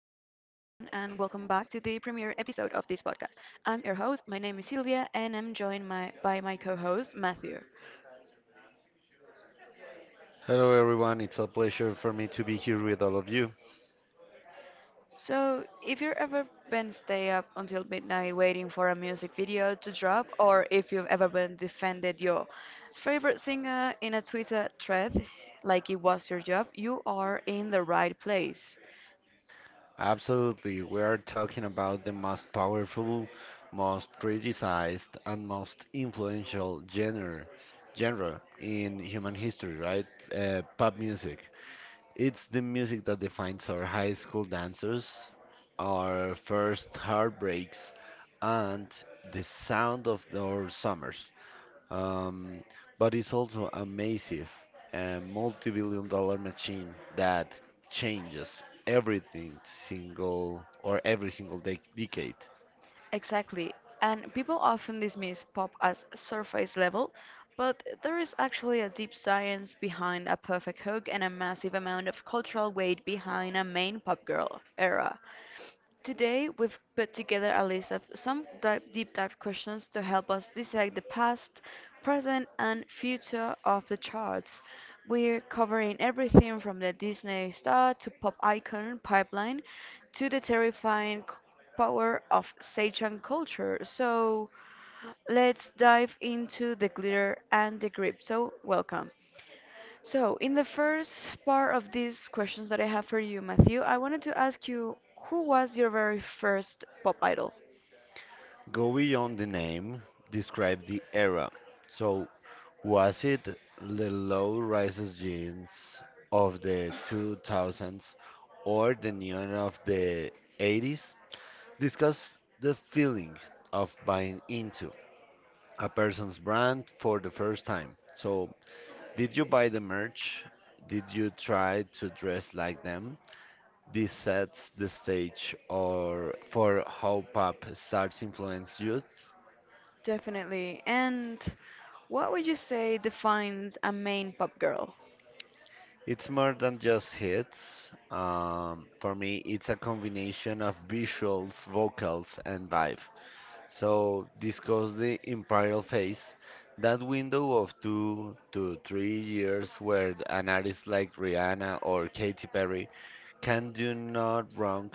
to the premiere episode of this podcast. I'm your host, my name is Sylvia, and I'm joined by my co host, Matthew. Hello, everyone. It's a pleasure for me to be here with all of you. So, if you've ever been stay up until midnight waiting for a music video to drop, or if you've ever been defended your favorite singer in a Twitter thread like it was your job, you are in the right place. Absolutely. We are talking about the most powerful, most criticized, and most influential genre in human history, right? Pop music. It's the music that defines our high school dancers, our first heartbreaks, and the sound of our summers. Um, but it's also a massive, a multi-billion dollar machine that changes every single decade. Exactly. And people often dismiss pop as surface level, but there is actually a deep science behind a perfect hook and a massive amount of cultural weight behind a main pop girl era. Today, we've put together a list of some deep dive questions to help us dissect the past, present, and future of the charts. We're covering everything from the Disney star to pop icon pipeline to the terrifying power of Seichan culture. So let's dive into the glitter and the grip. So, welcome. So, in the first part of these questions that I have for you, Matthew, I wanted to ask you, who was your very first pop idol? Go beyond the name, describe the era. So, was it the low rises jeans of the 2000s or the neon of the 80s? Discuss the feeling of buying into a person's brand for the first time. So, did you buy the merch? Did you try to dress like them? This sets the stage or for how pop starts influence youth. Definitely. And what would you say defines a main pop girl? It's more than just hits. For me, it's a combination of visuals, vocals, and vibe. So, discuss the imperial phase, that window of 2 to 3 years where an artist like Rihanna or Katy Perry can do not wrong,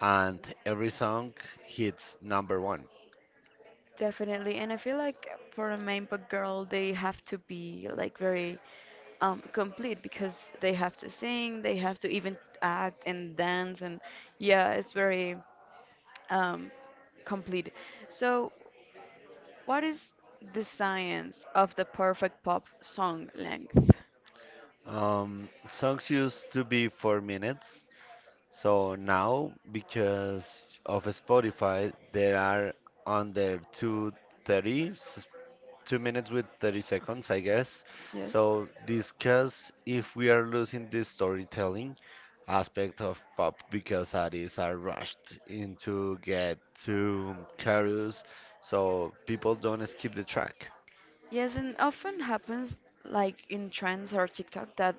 and every song hits number one. Definitely. And I feel like for a main pop girl, they have to be like very complete because they have to sing, they have to even act and dance, and yeah, it's very um, complete. So, what is the science of the perfect pop song length? Songs used to be 4 minutes. So now, because of Spotify, there are under 2:30, 2 minutes with 30 seconds, I guess. Yes. So discuss if we are losing the storytelling aspect of pop because artists are rushed into get to chorus, so people don't skip the track. Yes, and often happens like in trends or TikTok that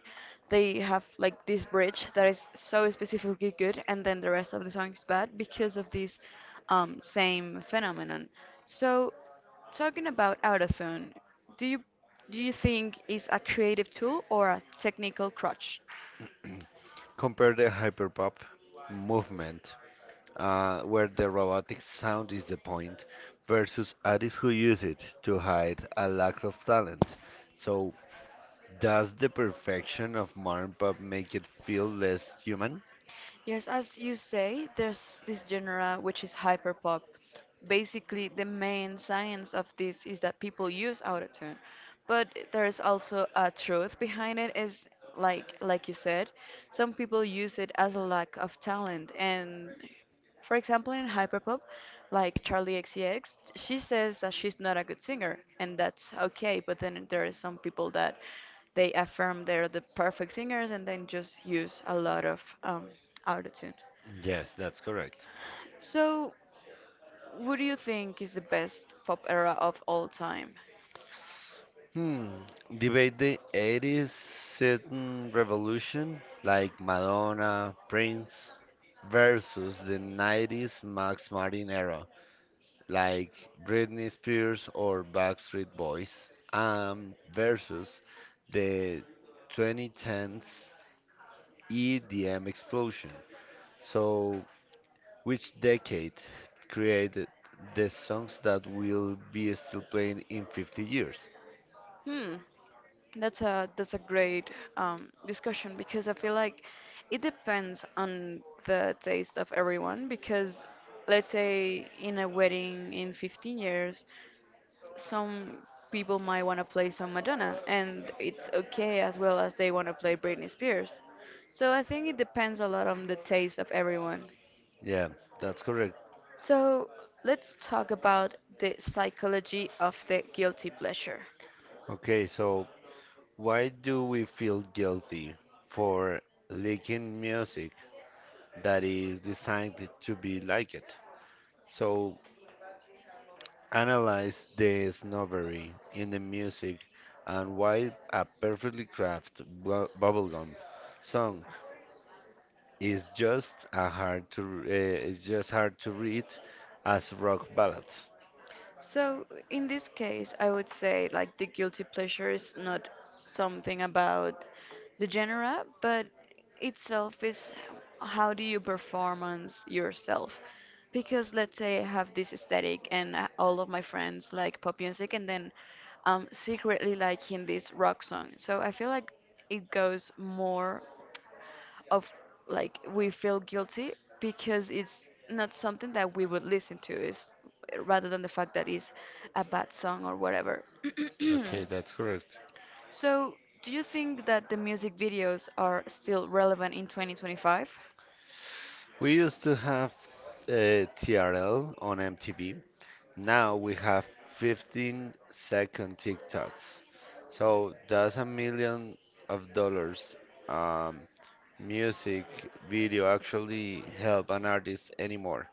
they have like this bridge that is so specifically good and then the rest of the song is bad because of this same phenomenon. So talking about autotune, do you do you think is a creative tool or a technical crutch? Compare the hyperpop movement where the robotic sound is the point, versus artists who use it to hide a lack of talent. So, does the perfection of modern pop make it feel less human? Yes, as you say, there's this genre which is hyperpop. Basically, the main science of this is that people use autotune, but there is also a truth behind it is like you said, some people use it as a lack of talent and for example, in hyperpop, like Charlie XCX, she says that she's not a good singer, and that's okay. But then there are some people that they affirm they're the perfect singers, and then just use a lot of autotune. Yes, that's correct. So, what do you think is the best pop era of all time? Hmm, debate the 80s certain revolution like Madonna, Prince, versus the 90s Max Martin era, like Britney Spears or Backstreet Boys, versus the 2010s EDM explosion. So, which decade created the songs that will be still playing in 50 years? Hmm. That's a great discussion because I feel like it depends on the taste of everyone because let's say in a wedding in 15 years some people might want to play some Madonna and it's okay as well as they want to play Britney Spears. So I think it depends a lot on the taste of everyone. Yeah, that's correct. So let's talk about the psychology of the guilty pleasure. Okay, so why do we feel guilty for liking music that is designed to be like it? So, analyze the snobbery in the music and why a perfectly crafted bubblegum song is just a hard to r- is just hard to read as rock ballad. So, in this case, I would say like the guilty pleasure is not something about the genre, but itself is, how do you performance yourself? Because let's say I have this aesthetic and all of my friends like pop music and then I'm secretly liking this rock song. So I feel like it goes more of like we feel guilty because it's not something that we would listen to is rather than the fact that it's a bad song or whatever. Okay, that's correct. So do you think that the music videos are still relevant in 2025? We used to have TRL on MTV. Now we have 15-second TikToks. So that's a million of dollars. Um, music video actually help an artist anymore,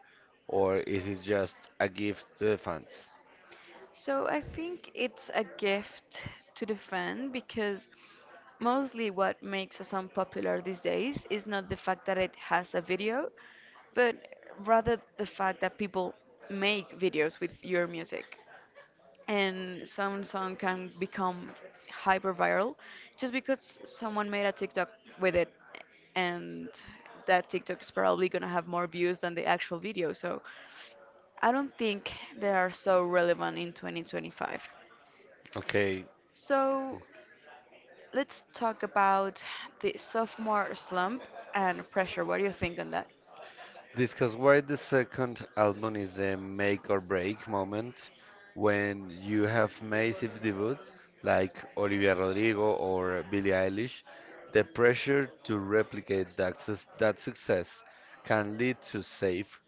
or is it just a gift to the fans? So I think it's a gift to the fan because mostly what makes a song popular these days is not the fact that it has a video, but rather the fact that people make videos with your music and some song can become hyper viral just because someone made a TikTok with it and that TikTok is probably gonna have more views than the actual video. So I don't think they are so relevant in 2025. Okay. So let's talk about the sophomore slump and pressure. What do you think on that? Discuss why the second album is the make or break moment when you have massive debut like Olivia Rodrigo or Billie Eilish. The pressure to replicate that success can lead to safe,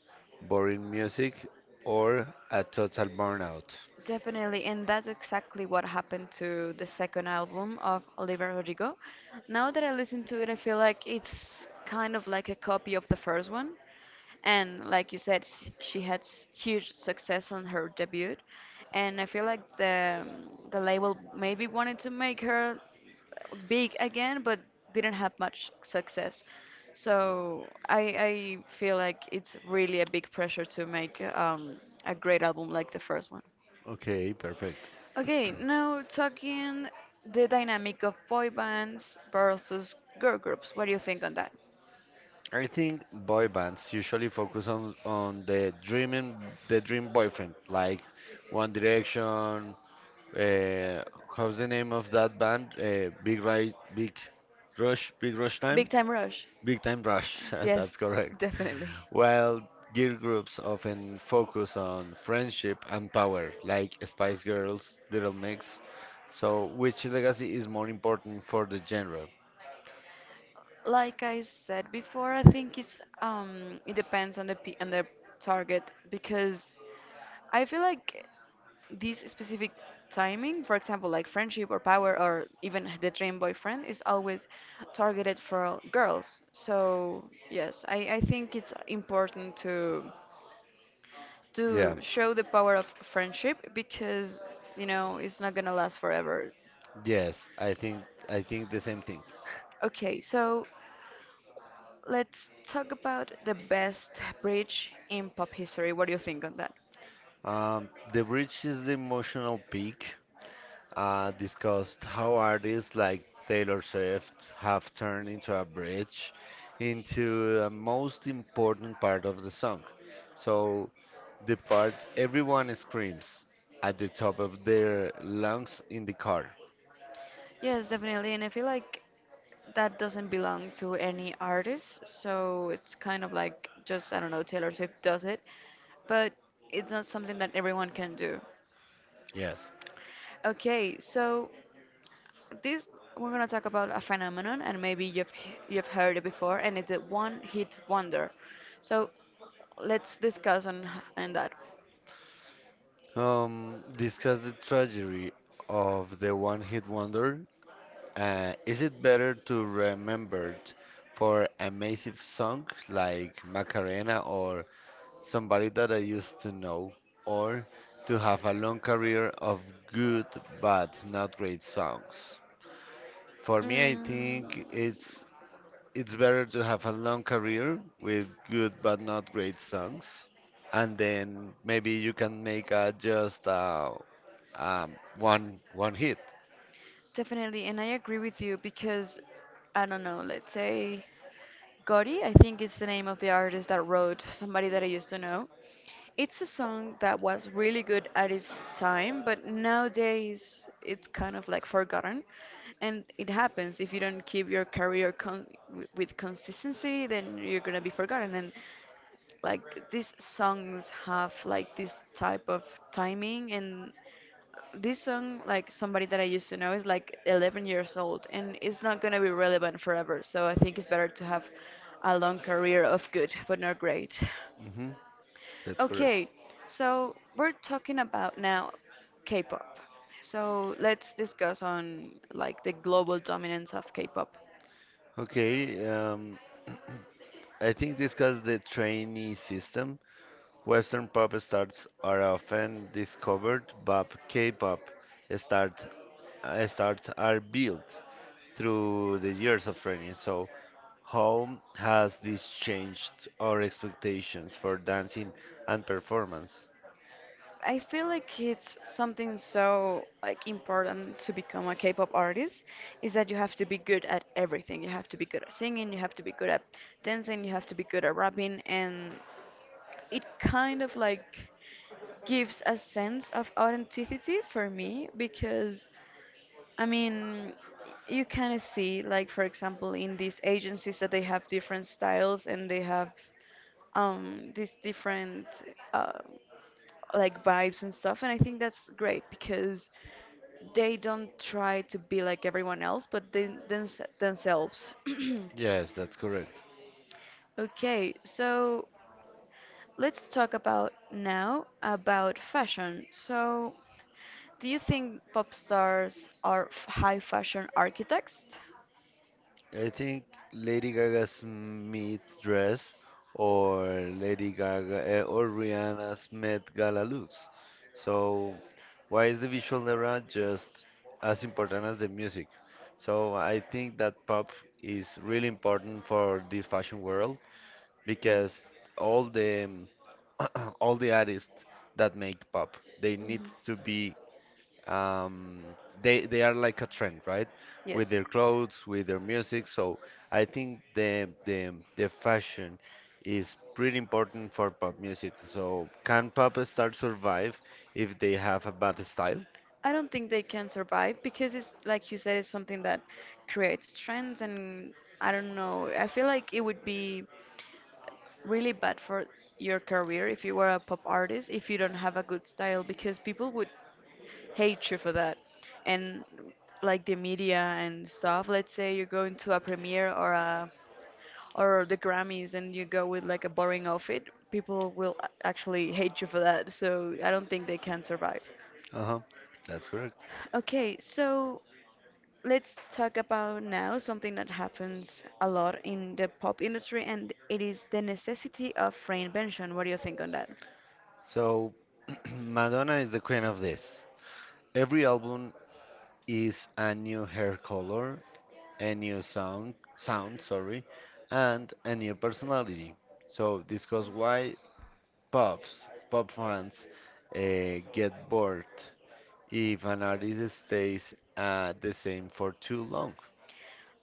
boring music or a total burnout. Definitely, and that's exactly what happened to the second album of Oliver Rodrigo. Now that I listen to it, I feel like it's kind of like a copy of the first one. And like you said, she had huge success on her debut, and I feel like the label maybe wanted to make her big again, but didn't have much success. So I feel like it's really a big pressure to make a great album like the first one. Okay, perfect. Okay, now talking the dynamic of boy bands versus girl groups. What do you think on that? I think boy bands usually focus on the dream boyfriend like One Direction. Uh, how's the name of that band? Big Right, Big Rush, Big Rush Big Time, Time Rush. Big Time Rush. Yes, That's correct. definitely. While girl groups often focus on friendship and power, like Spice Girls, Little Mix. So, which legacy is more important for the genre? Like I said before, I think it's it depends on the pe on the target because I feel like this specific timing, for example, like friendship or power or even the dream boyfriend, is always targeted for girls. So yes, I think it's important to Yeah. Show the power of friendship because you know it's not gonna last forever. Yes, I think the same thing. Okay, so let's talk about the best bridge in pop history. What do you think on that? The bridge is the emotional peak. Discussed how artists like Taylor Swift have turned into a bridge into the most important part of the song. So, the part everyone screams at the top of their lungs in the car. Yes, definitely, and I feel like that doesn't belong to any artist, so it's kind of like just I don't know Taylor Swift does it, but it's not something that everyone can do. Yes. Okay, so this we're gonna talk about a phenomenon, and maybe you've heard it before, and it's a one-hit wonder. So let's discuss on that. Discuss the tragedy of the one hit wonder. Is it better to remembered for a massive song like Macarena or somebody that I used to know, or to have a long career of good but not great songs. For me, I Mm, think it's better to have a long career with good but not great songs, and then maybe you can make um, one hit. definitely, and I agree with you because I don't know. Let's say. Gotti, I think is the name of the artist that wrote somebody that I used to know. It's a song that was really good at its time, but nowadays it's kind of like forgotten. And it happens if you don't keep your career with consistency, then you're gonna be forgotten. And like these songs have like this type of timing and this song like somebody that I used to know is like 11 years old and it's not going to be relevant forever. So I think it's better to have a long career of good but not great. hmm That's correct. Okay, so we're talking about now K-pop. So let's discuss on like the global dominance of K-pop. Okay. I think discuss the trainee system. Western pop stars are often discovered, but K-pop stars stars are built through the years of training. So, how has this changed our expectations for dancing and performance? I feel like it's something so like important to become a K-pop artist is that you have to be good at everything. You have to be good at singing, you have to be good at dancing, you have to be good at rapping, and it kind of like gives a sense of authenticity for me because I mean you kind of see like for example in these agencies that they have different styles and they have these different uh, like vibes and stuff and I think that's great because they don't try to be like everyone else but they, themselves. Yes, that's correct. Okay so let's talk about now about fashion so do you think pop stars are high fashion architects? I think Lady Gaga's Meet dress or Lady Gaga or Rihanna's Met Gala looks. So, why is the visual era just as important as the music? So, I think that pop is really important for this fashion world because all the all the artists that make pop, they need to be, um, they are like a trend, right? With their clothes, with their music. So I think the fashion is pretty important for pop music. So can pop stars survive if they have a bad style? I don't think they can survive because it's like you said, it's something that creates trends, and I don't know. I feel like it would be really bad for your career if you were a pop artist if you don't have a good style because people would hate you for that. And like the media and stuff, let's say you're going to a premiere or a or the Grammys and you go with like a boring outfit, people will actually hate you for that. So I don't think they can survive. Uh-huh. That's correct. Okay, so let's talk about now something that happens a lot in the pop industry, and it is the necessity of reinvention. What do you think on that? So Madonna is the queen of this. Every album is a new hair color, a new sound, and a new personality. So discuss why pub fans get bored if an artist stays the same for too long.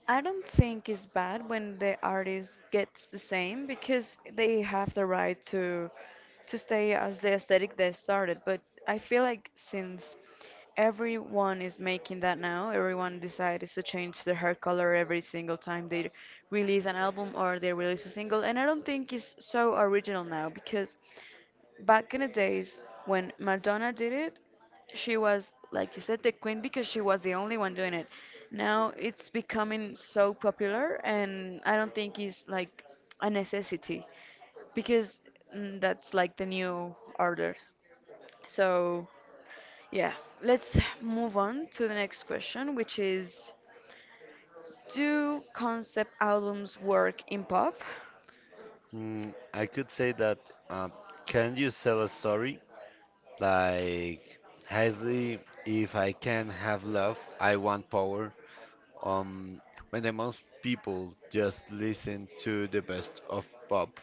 I don't think it's bad when the artist gets the same because they have the right to stay as the aesthetic they started. But I feel like since everyone is making that now, everyone decides to change their hair color every single time they release an album or they release a single, and I don't think it's so original now because back in the days when Madonna did it. She was, like you said, the queen because she was the only one doing it. Now it's becoming so popular, and I don't think it's like a necessity because mm, that's like the new order. So, yeah, let's move on to the next question, which is, do concept albums work in pop? I could say that, uh, can you sell a story like Heisley, if I can have love, I want power. Um, when the most people just listen to the best of pop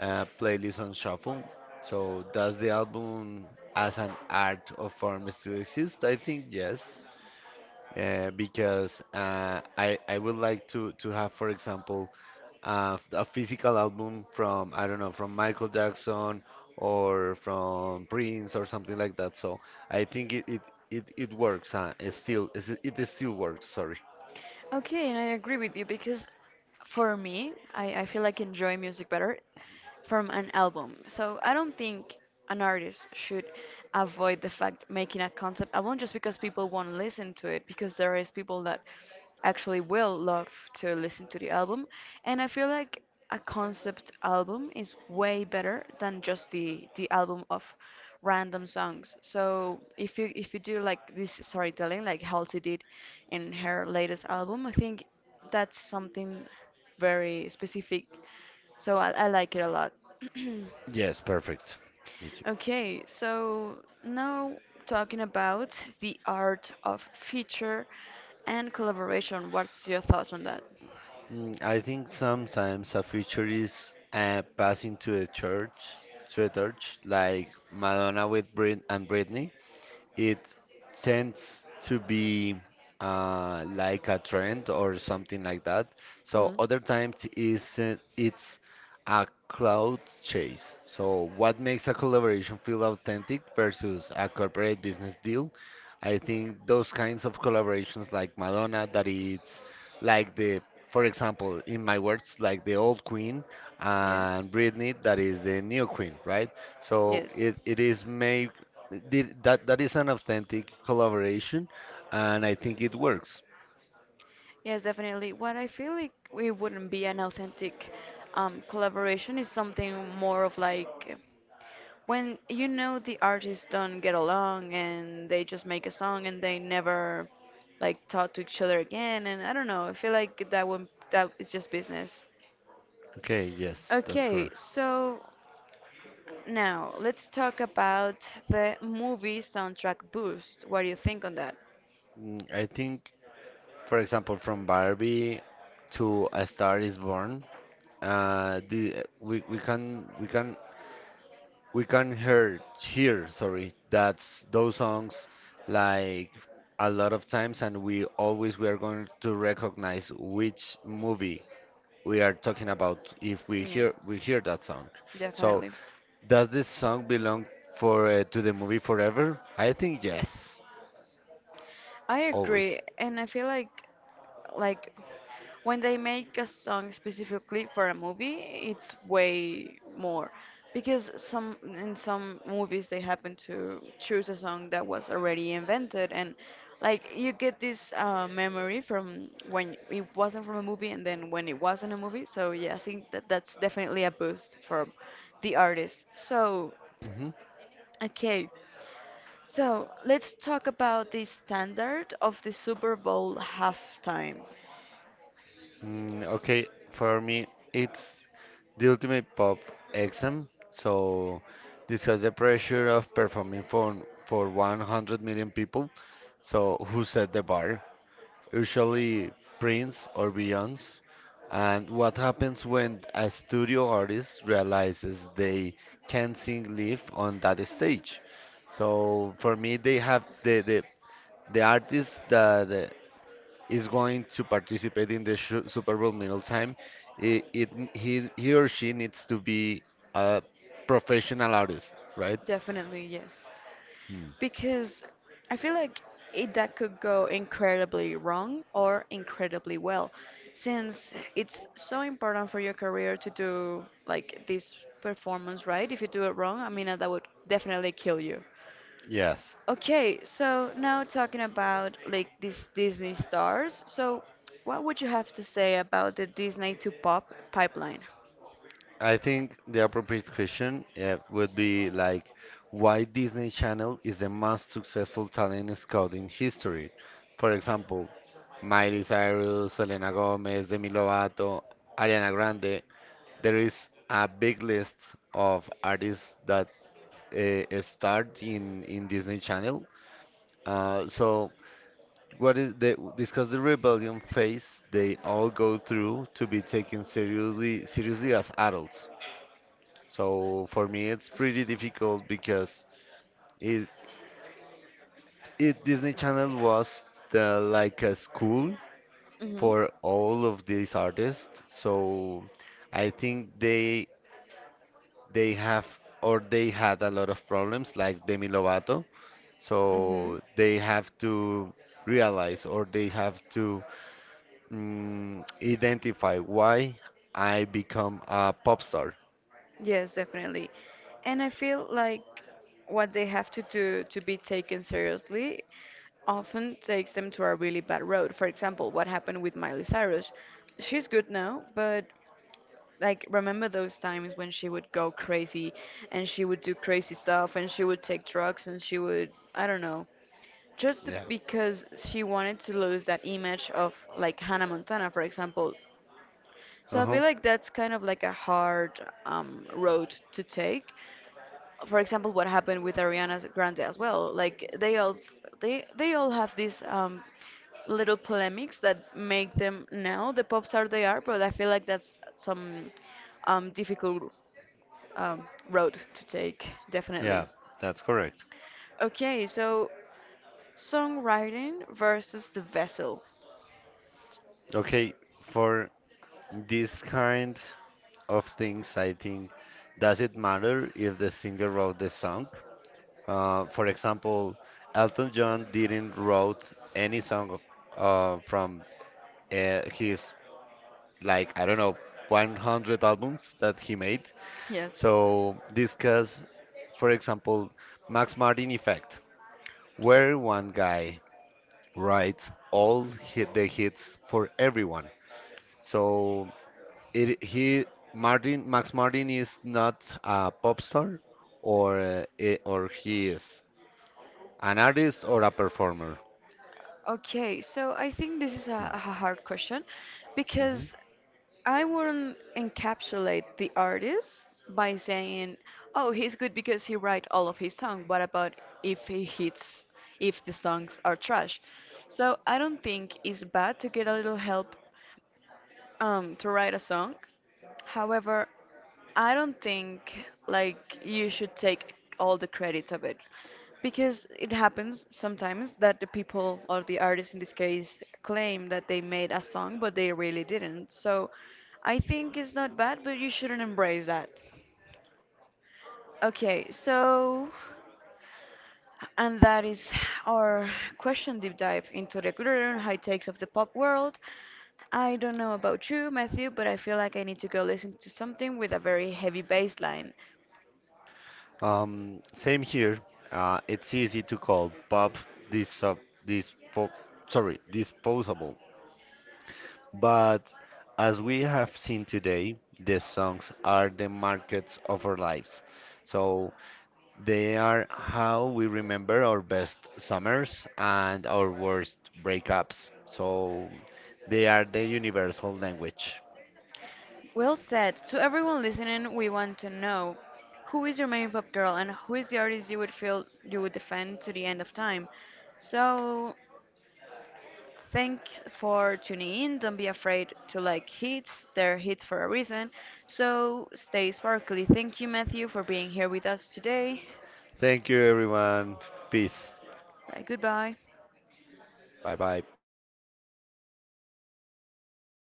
playlist on shuffle, so does the album as an art of form still exist? I think yes. Because I would like to have, for example, a physical album from I don't know, from Michael Jackson or from Prince or something like that. So I think it works. It still works. Sorry. Okay, and I agree with you because for me, I feel like enjoy music better from an album. So I don't think an artist should avoid the fact making a concept album just because people won't listen to it because there is people that actually will love to listen to the album and I feel like a concept album is way better than just the album of random songs. So if you do like this storytelling, like Halsey did in her latest album, I think that's something very specific. So I like it a lot. Yes, perfect. Me too. Okay, so now talking about the art of feature and collaboration. What's your thoughts on that? I think sometimes a feature is passing to a church, like Madonna with Britney. It tends to be like a trend or something like that. So Mm, other times is it's a cloud chase. So what makes a collaboration feel authentic versus a corporate business deal? I think those kinds of collaborations like Madonna that it's like, the for example, in my words, like the old queen yes. and Britney, that is the new queen, right? So Yes. it is made did, that is an authentic collaboration, and I think it works. Yes, definitely. What I feel like it wouldn't be an authentic collaboration is something more of like when you know the artists don't get along and they just make a song and they never like talk to each other again. And I don't know. I feel like that is just business. Okay, yes, that's Okay, correct. so now let's talk about the movie soundtrack boost. What do you think on that? I think, for example, from Barbie to A Star Is Born, uh, the we, we can we can we can hear hear sorry that's those songs like a lot of times, and we are going to recognize which movie we are talking about if we hear we Yes, hear that song. So, definitely. does this song belong for to the movie forever? I think yes, I agree, always. and I feel like when they make a song specifically for a movie, it's way more because some in some movies they happen to choose a song that was already invented and like you get this memory from when it wasn't from a movie and then when it was in a movie. So yeah, I think that that's definitely a boost for the artist. So hmm okay, so let's talk about the standard of the Super Bowl halftime. Okay, for me, it's the ultimate pop exam. So this has the pressure of performing for 100 million people. So who set the bar? Usually Prince or Beyonce. And what happens when a studio artist realizes they can't sing live on that stage? So for me, they have the artist that is going to participate in the shu Super Bowl middle time. It n- he or she needs to be a professional artist, right? Definitely, yes. Hmm. Because I feel like it that could go incredibly wrong or incredibly well, since it's so important for your career to do like this performance right. If you do it wrong, I mean that would definitely kill you. Yes. Okay, so now talking about like these Disney stars. So what would you have to say about the Disney to pop pipeline? I think the appropriate question would be like, why Disney Channel is the most successful talent scout in history? For example, Miley Cyrus, Selena Gomez, Demi Lovato, Ariana Grande. There is a big list of artists that start in Disney Channel. So what is the discuss the rebellion phase they all go through to be taken seriously as adults. So for me, it's pretty difficult because it, it Disney Channel was the like a school Mhm. for all of these artists. So I think they have or they had a lot of problems like Demi Lovato. Mhm. So they have to realize or they have to, identify why I become a pop star. Yes, definitely. And I feel like what they have to do to be taken seriously often takes them to a really bad road. For example, what happened with Miley Cyrus. She's good now, but like remember those times when she would go crazy and she would do crazy stuff and she would take drugs and she would, I don't know, just Yeah. because she wanted to lose that image of like Hannah Montana, for example. So I Uh-huh. feel like that's kind of like a hard road to take. For example, what happened with Ariana Grande as well. Like they all have these little polemics that make them now the pop star they are. But I feel like that's some difficult road to take, definitely. Yeah, that's correct. Okay, so songwriting versus the vessel. Okay, for this kind of things, I think, does it matter if the singer wrote the song? For example, Elton John didn't wrote any song from his like I don't know 100 albums that he made. Yes. So discuss, for example, Max Martin effect, where one guy writes all hi the hits for everyone. So it he Martin Max Martin is not a pop star, or he is an artist or a performer. Okay, so I think this is a hard question Mhm. because I wouldn't encapsulate the artist by saying, "Oh, he's good because he write all of his song." What about if he hits, if the songs are trash? So I don't think it's bad to get a little help to write a song. However, I don't think like you should take all the credits of it because it happens sometimes that the people or the artists in this case claim that they made a song but they really didn't. So I think it's not bad, but you shouldn't embrace that. Okay, so and that is our question deep dive into the gluten and high takes of the pop world. I don't know about you, Matthew, but I feel like I need to go listen to something with a very heavy bass line. Same here. It's easy to call pop this this pop sorry disposable, but as we have seen today, the songs are the markets of our lives. So they are how we remember our best summers and our worst breakups. So they are the universal language. Well said. To everyone listening, we want to know who is your main pop girl and who is the artist you would feel you would defend to the end of time. So thanks for tuning in. Don't be afraid to like hits, they're hits for a reason. So stay sparkly. Thank you, Matthew, for being here with us today. Thank you, everyone. Peace. Right, goodbye. Bye bye.